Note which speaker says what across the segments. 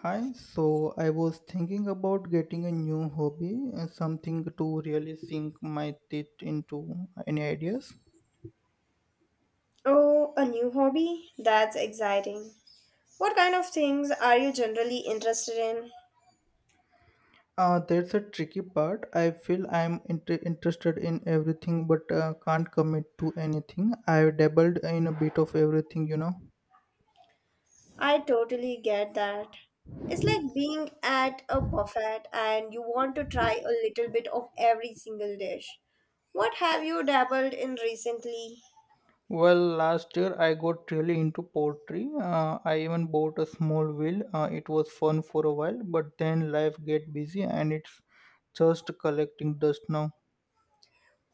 Speaker 1: Hi, so I was thinking about getting a new hobby, something to really sink my teeth into. Any ideas?
Speaker 2: Oh, a new hobby? That's exciting. What kind of things are you generally interested in?
Speaker 1: That's a tricky part. I feel I'm interested in everything but can't commit to anything. I've dabbled in a bit of everything, you know.
Speaker 2: I totally get that. It's like being at a buffet and you want to try a little bit of every single dish. What have you dabbled in recently?
Speaker 1: Well, last year I got really into pottery. I even bought a small wheel. It was fun for a while, but then life get busy and it's just collecting dust now.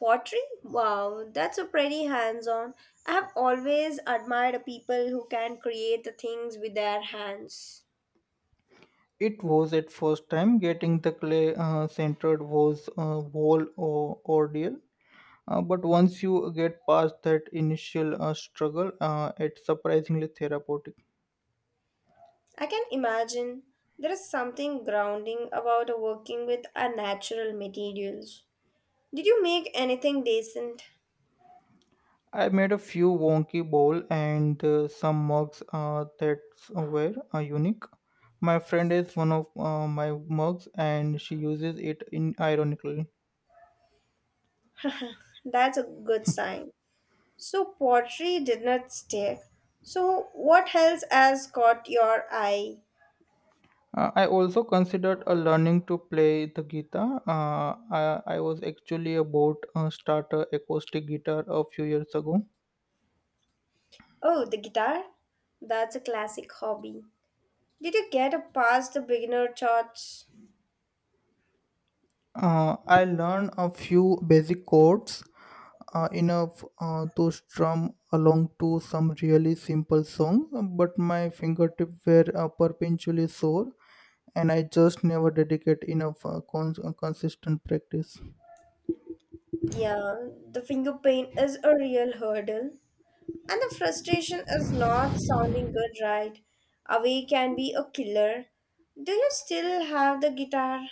Speaker 2: Pottery? Wow, that's a pretty hands on. I have always admired people who can create the things with their hands.
Speaker 1: It was at first time getting the clay centered was a whole ordeal, but once you get past that initial struggle, it's surprisingly therapeutic.
Speaker 2: I can imagine there is something grounding about working with unnatural materials. Did you make anything decent?
Speaker 1: I made a few wonky bowl and some mugs that were unique. My friend is one of my mugs, and she uses it in ironically.
Speaker 2: That's a good sign. So, pottery did not stick. So, what else has caught your eye?
Speaker 1: I also considered learning to play the guitar. I was actually about start a acoustic guitar a few years ago.
Speaker 2: Oh, the guitar? That's a classic hobby. Did you get past the beginner charts?
Speaker 1: I learned a few basic chords, enough to strum along to some really simple songs, but my fingertips were perpetually sore, and I just never dedicated enough consistent practice.
Speaker 2: Yeah, the finger paint is a real hurdle. And the frustration is not sounding good, right? Away can be a killer. Do you still have the guitar?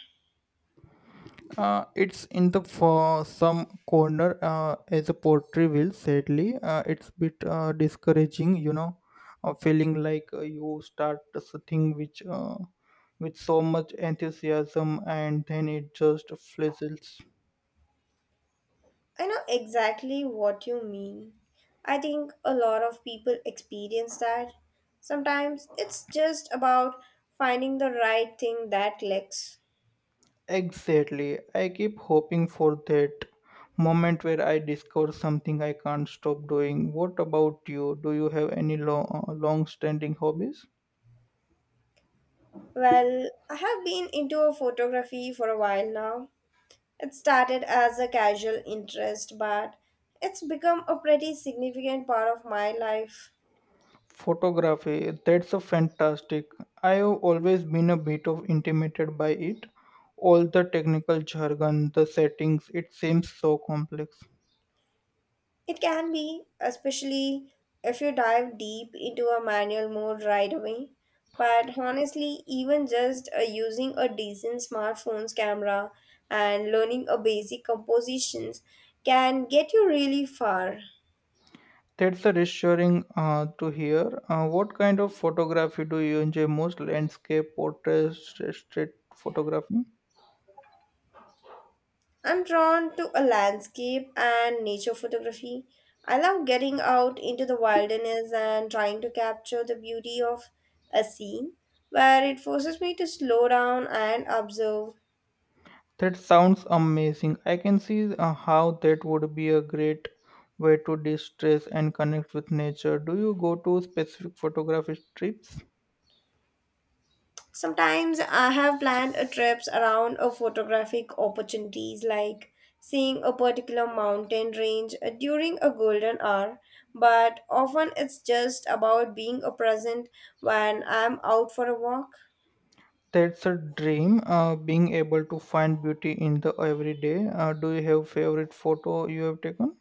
Speaker 1: It's in the for some corner as a poetry will sadly it's bit discouraging, you know, feeling like you start something which with so much enthusiasm, and then it just fizzles.
Speaker 2: I know exactly what you mean. I think a lot of people experience that. Sometimes it's just about finding the right thing that clicks.
Speaker 1: Exactly, I keep hoping for that moment where I discover something I can't stop doing. What about you, do you have any long standing hobbies?
Speaker 2: Well, I have been into a photography for a while now. It started as a casual interest, but it's become a pretty significant part of my life.
Speaker 1: Photography, that's a fantastic. I've always been a bit of intimidated by it. All the technical jargon, the settings, it seems so complex.
Speaker 2: It can be, especially if you dive deep into a manual mode right away. But honestly, even just using a decent smartphone's camera and learning a basic compositions can get you really far.
Speaker 1: That's a reassuring to hear. What kind of photography do you enjoy most? Landscape, portraits, street photography?
Speaker 2: I'm drawn to a landscape and nature photography. I love getting out into the wilderness and trying to capture the beauty of a scene where it forces me to slow down and observe.
Speaker 1: That sounds amazing. I can see how that would be a great way to de stress and connect with nature. Do you go to specific photography trips?
Speaker 2: Sometimes I have planned a trips around a photographic opportunities like seeing a particular mountain range during a golden hour, but often it's just about being a present when I'm out for a walk.
Speaker 1: That's a dream, being able to find beauty in the everyday. Do you have favorite photo you have taken?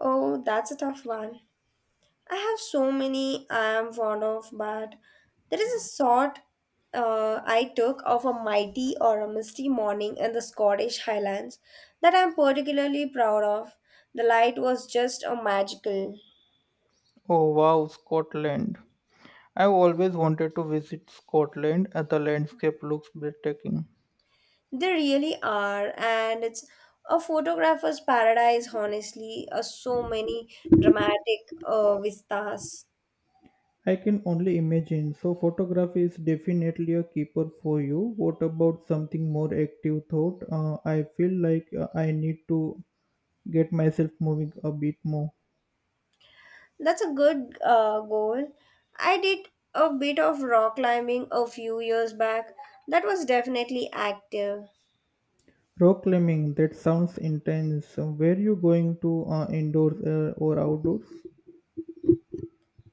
Speaker 2: Oh, that's a tough one. I have so many I am fond of, but there is a shot, I took of a mighty or a misty morning in the Scottish Highlands that I am particularly proud of. The light was just a magical.
Speaker 1: Oh wow, Scotland. I've always wanted to visit Scotland. The landscape looks breathtaking.
Speaker 2: They really are, and it's a photographer's paradise, honestly. So many dramatic vistas.
Speaker 1: I can only imagine. So photography is definitely a keeper for you. What about something more active thought? I feel like I need to get myself moving a bit more.
Speaker 2: That's a good goal. I did a bit of rock climbing a few years back. That was definitely active.
Speaker 1: Rock climbing, that sounds intense. Were you going to indoors or outdoors?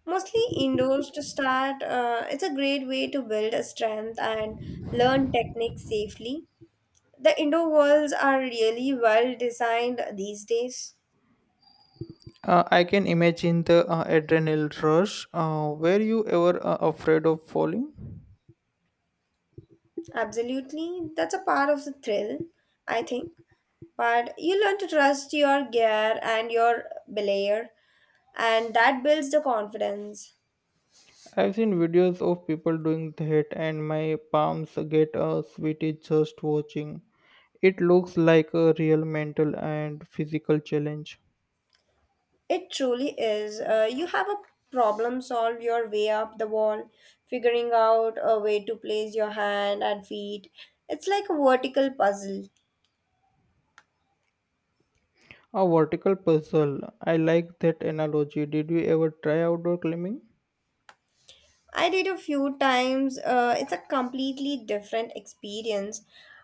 Speaker 2: Mostly indoors to start. It's a great way to build a strength and learn techniques safely. The indoor walls are really well designed these days.
Speaker 1: I can imagine the adrenaline rush. Were you ever afraid of falling?
Speaker 2: Absolutely. That's a part of the thrill, I think. But you learn to trust your gear and your belayer, and that builds the confidence.
Speaker 1: I've seen videos of people doing that, and my palms get sweaty just watching. It looks like a real mental and physical challenge.
Speaker 2: It truly is. You have a problem, solve your way up the wall, figuring out a way to place your hand and feet. It's like a vertical puzzle.
Speaker 1: A vertical puzzle. I like that analogy. Did you ever try outdoor climbing?
Speaker 2: I did a few times. It's a completely different experience,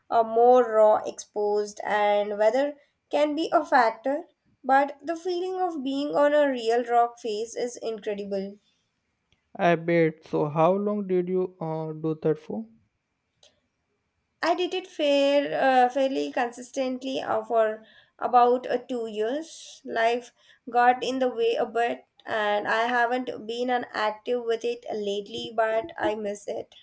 Speaker 2: more raw, exposed, and weather can be a factor. But the feeling of being on a real rock face is incredible.
Speaker 1: I bet. So, how long did you do that for?
Speaker 2: I did it fairly consistently for about 2 years. Life got in the way a bit, and I haven't been an active with it lately, but I miss it.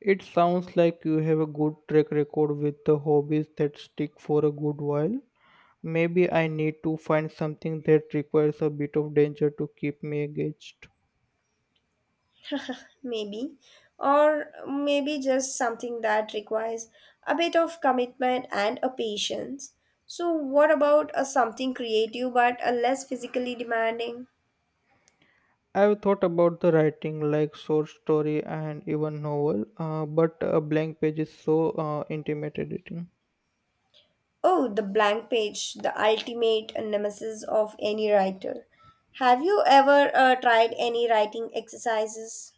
Speaker 1: It sounds like you have a good track record with the hobbies that stick for a good while. Maybe I need to find something that requires a bit of danger to keep me engaged.
Speaker 2: Maybe. Or maybe just something that requires a bit of commitment and a patience. So, what about something creative but less physically demanding?
Speaker 1: I've thought about the writing, like short story and even novel, but a blank page is so intimidating.
Speaker 2: Oh, the blank page, the ultimate nemesis of any writer. Have you ever tried any writing exercises?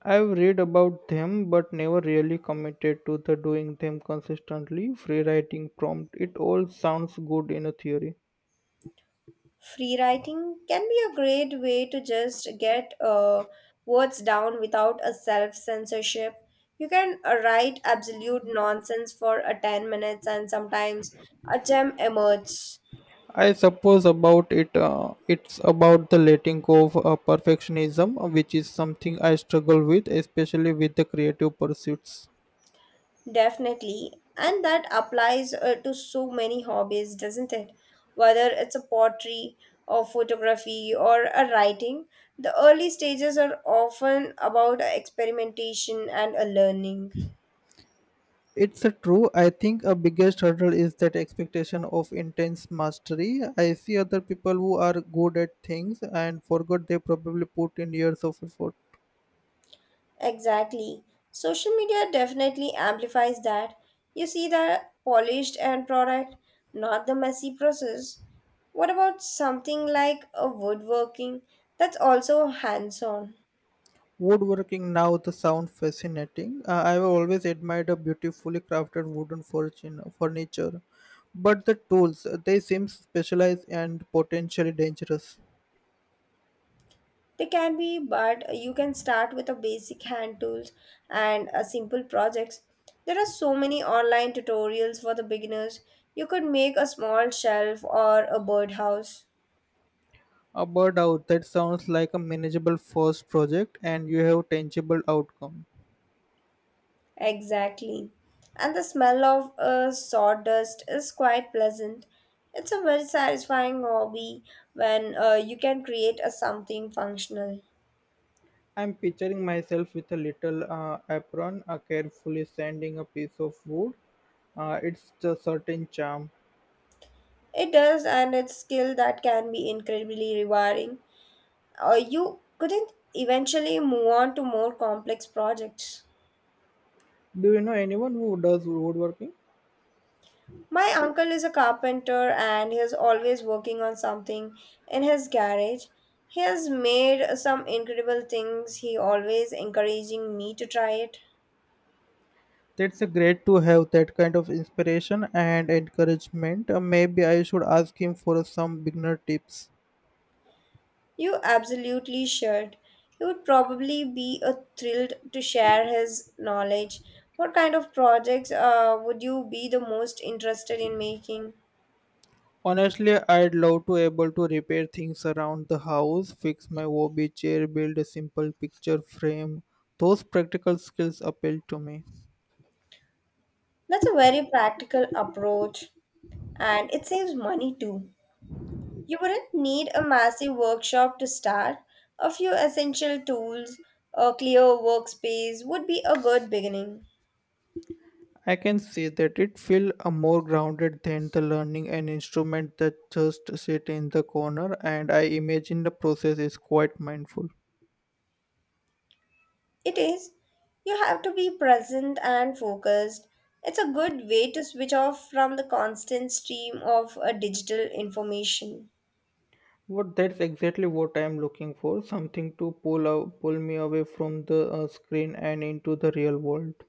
Speaker 1: I've read about them, but never really committed to the doing them consistently. Free writing prompt, it all sounds good in a theory.
Speaker 2: Free writing can be a great way to just get words down without a self censorship. You can write absolute nonsense for 10 minutes and sometimes a gem emerges.
Speaker 1: I suppose about it. It's about the letting go of perfectionism, which is something I struggle with, especially with the creative pursuits.
Speaker 2: Definitely. And that applies to so many hobbies, doesn't it? Whether it's a pottery or photography or a writing, the early stages are often about experimentation and a learning.
Speaker 1: It's true. I think a biggest hurdle is that expectation of intense mastery. I see other people who are good at things and forgot they probably put in years of effort.
Speaker 2: Exactly. Social media definitely amplifies that. You see the polished end product, not the messy process. What about something like a woodworking that's also hands on?
Speaker 1: Woodworking now the sound fascinating. I've always admired a beautifully crafted wooden fortune, furniture, but the tools they seem specialized and potentially dangerous.
Speaker 2: They can be, but you can start with a basic hand tools and a simple projects. There are so many online tutorials for the beginners. You could make a small shelf or a birdhouse.
Speaker 1: A bird out that sounds like a manageable first project, and you have tangible outcome.
Speaker 2: Exactly. And the smell of sawdust is quite pleasant. It's a very satisfying hobby when you can create a something functional.
Speaker 1: I'm picturing myself with a little apron, carefully sanding a piece of wood. It's a certain charm.
Speaker 2: It does, and it's skill that can be incredibly rewarding. You couldn't eventually move on to more complex projects.
Speaker 1: Do you know anyone who does woodworking?
Speaker 2: My uncle is a carpenter and he is always working on something in his garage. He has made some incredible things. He always encouraging me to try it.
Speaker 1: That's a great to have that kind of inspiration and encouragement. Maybe I should ask him for some beginner tips.
Speaker 2: You absolutely should. He would probably be thrilled to share his knowledge. What kind of projects would you be the most interested in making?
Speaker 1: Honestly, I'd love to able to repair things around the house, fix my OB chair, build a simple picture frame. Those practical skills appeal to me.
Speaker 2: That's a very practical approach, and it saves money too. You wouldn't need a massive workshop to start. A few essential tools, a clear workspace would be a good beginning.
Speaker 1: I can see that it feel more grounded than the learning an instrument that just sit in the corner, and I imagine the process is quite mindful.
Speaker 2: It is. You have to be present and focused. It's a good way to switch off from the constant stream of digital information.
Speaker 1: What that's exactly what I'm looking for, something to pull me away from the screen and into the real world.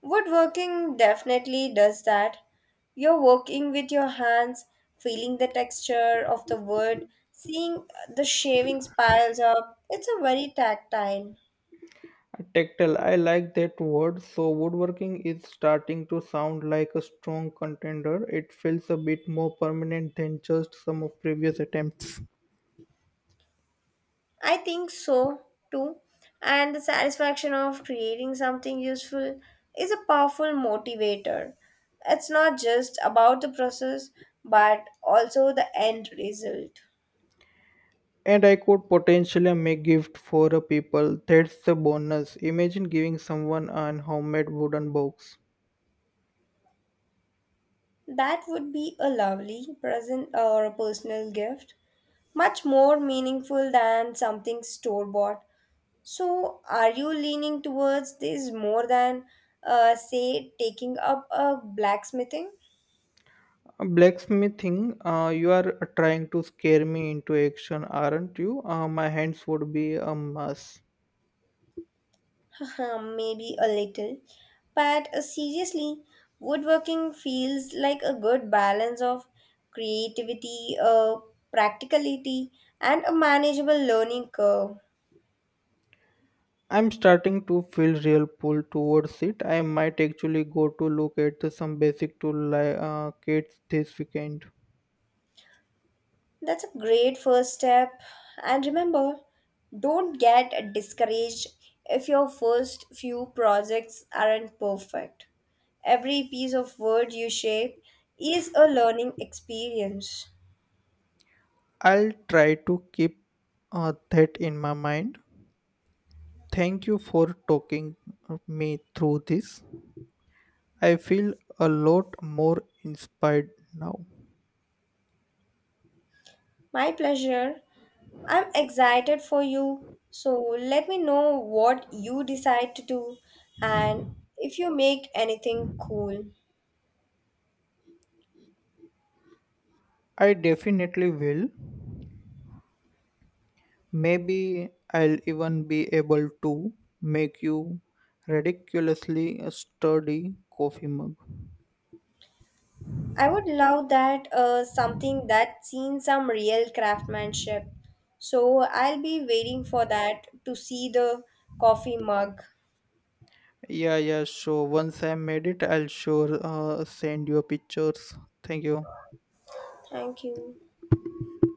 Speaker 2: Woodworking definitely does that. You're working with your hands, feeling the texture of the wood, seeing the shavings piles up. It's a very tactile.
Speaker 1: Tactile, I like that word. So woodworking is starting to sound like a strong contender. It feels a bit more permanent than just some of previous attempts.
Speaker 2: I think so too. And the satisfaction of creating something useful is a powerful motivator. It's not just about the process, but also the end result.
Speaker 1: And I could potentially make gift for a people. That's the bonus. Imagine giving someone an homemade wooden box.
Speaker 2: That would be a lovely present or a personal gift, much more meaningful than something store bought. So, are you leaning towards this more than, say, taking up a blacksmithing?
Speaker 1: Blacksmithing, you are trying to scare me into action, aren't you? My hands would be a mess.
Speaker 2: Haha, maybe a little. But seriously, woodworking feels like a good balance of creativity, practicality, and a manageable learning curve.
Speaker 1: I'm starting to feel real pull towards it. I might actually go to look at some basic tool like kits this weekend.
Speaker 2: That's a great first step. And remember, don't get discouraged if your first few projects aren't perfect. Every piece of word you shape is a learning experience.
Speaker 1: I'll try to keep that in my mind. Thank you for talking me through this. I feel a lot more inspired now.
Speaker 2: My pleasure. I'm excited for you. So let me know what you decide to do and if you make anything cool.
Speaker 1: I definitely will. Maybe I'll even be able to make you ridiculously sturdy coffee mug.
Speaker 2: I would love that, something that seen some real craftsmanship. So I'll be waiting for that to see the coffee mug.
Speaker 1: Yeah, yeah, sure. Once I made it, I'll sure send you pictures. Thank you.
Speaker 2: Thank you.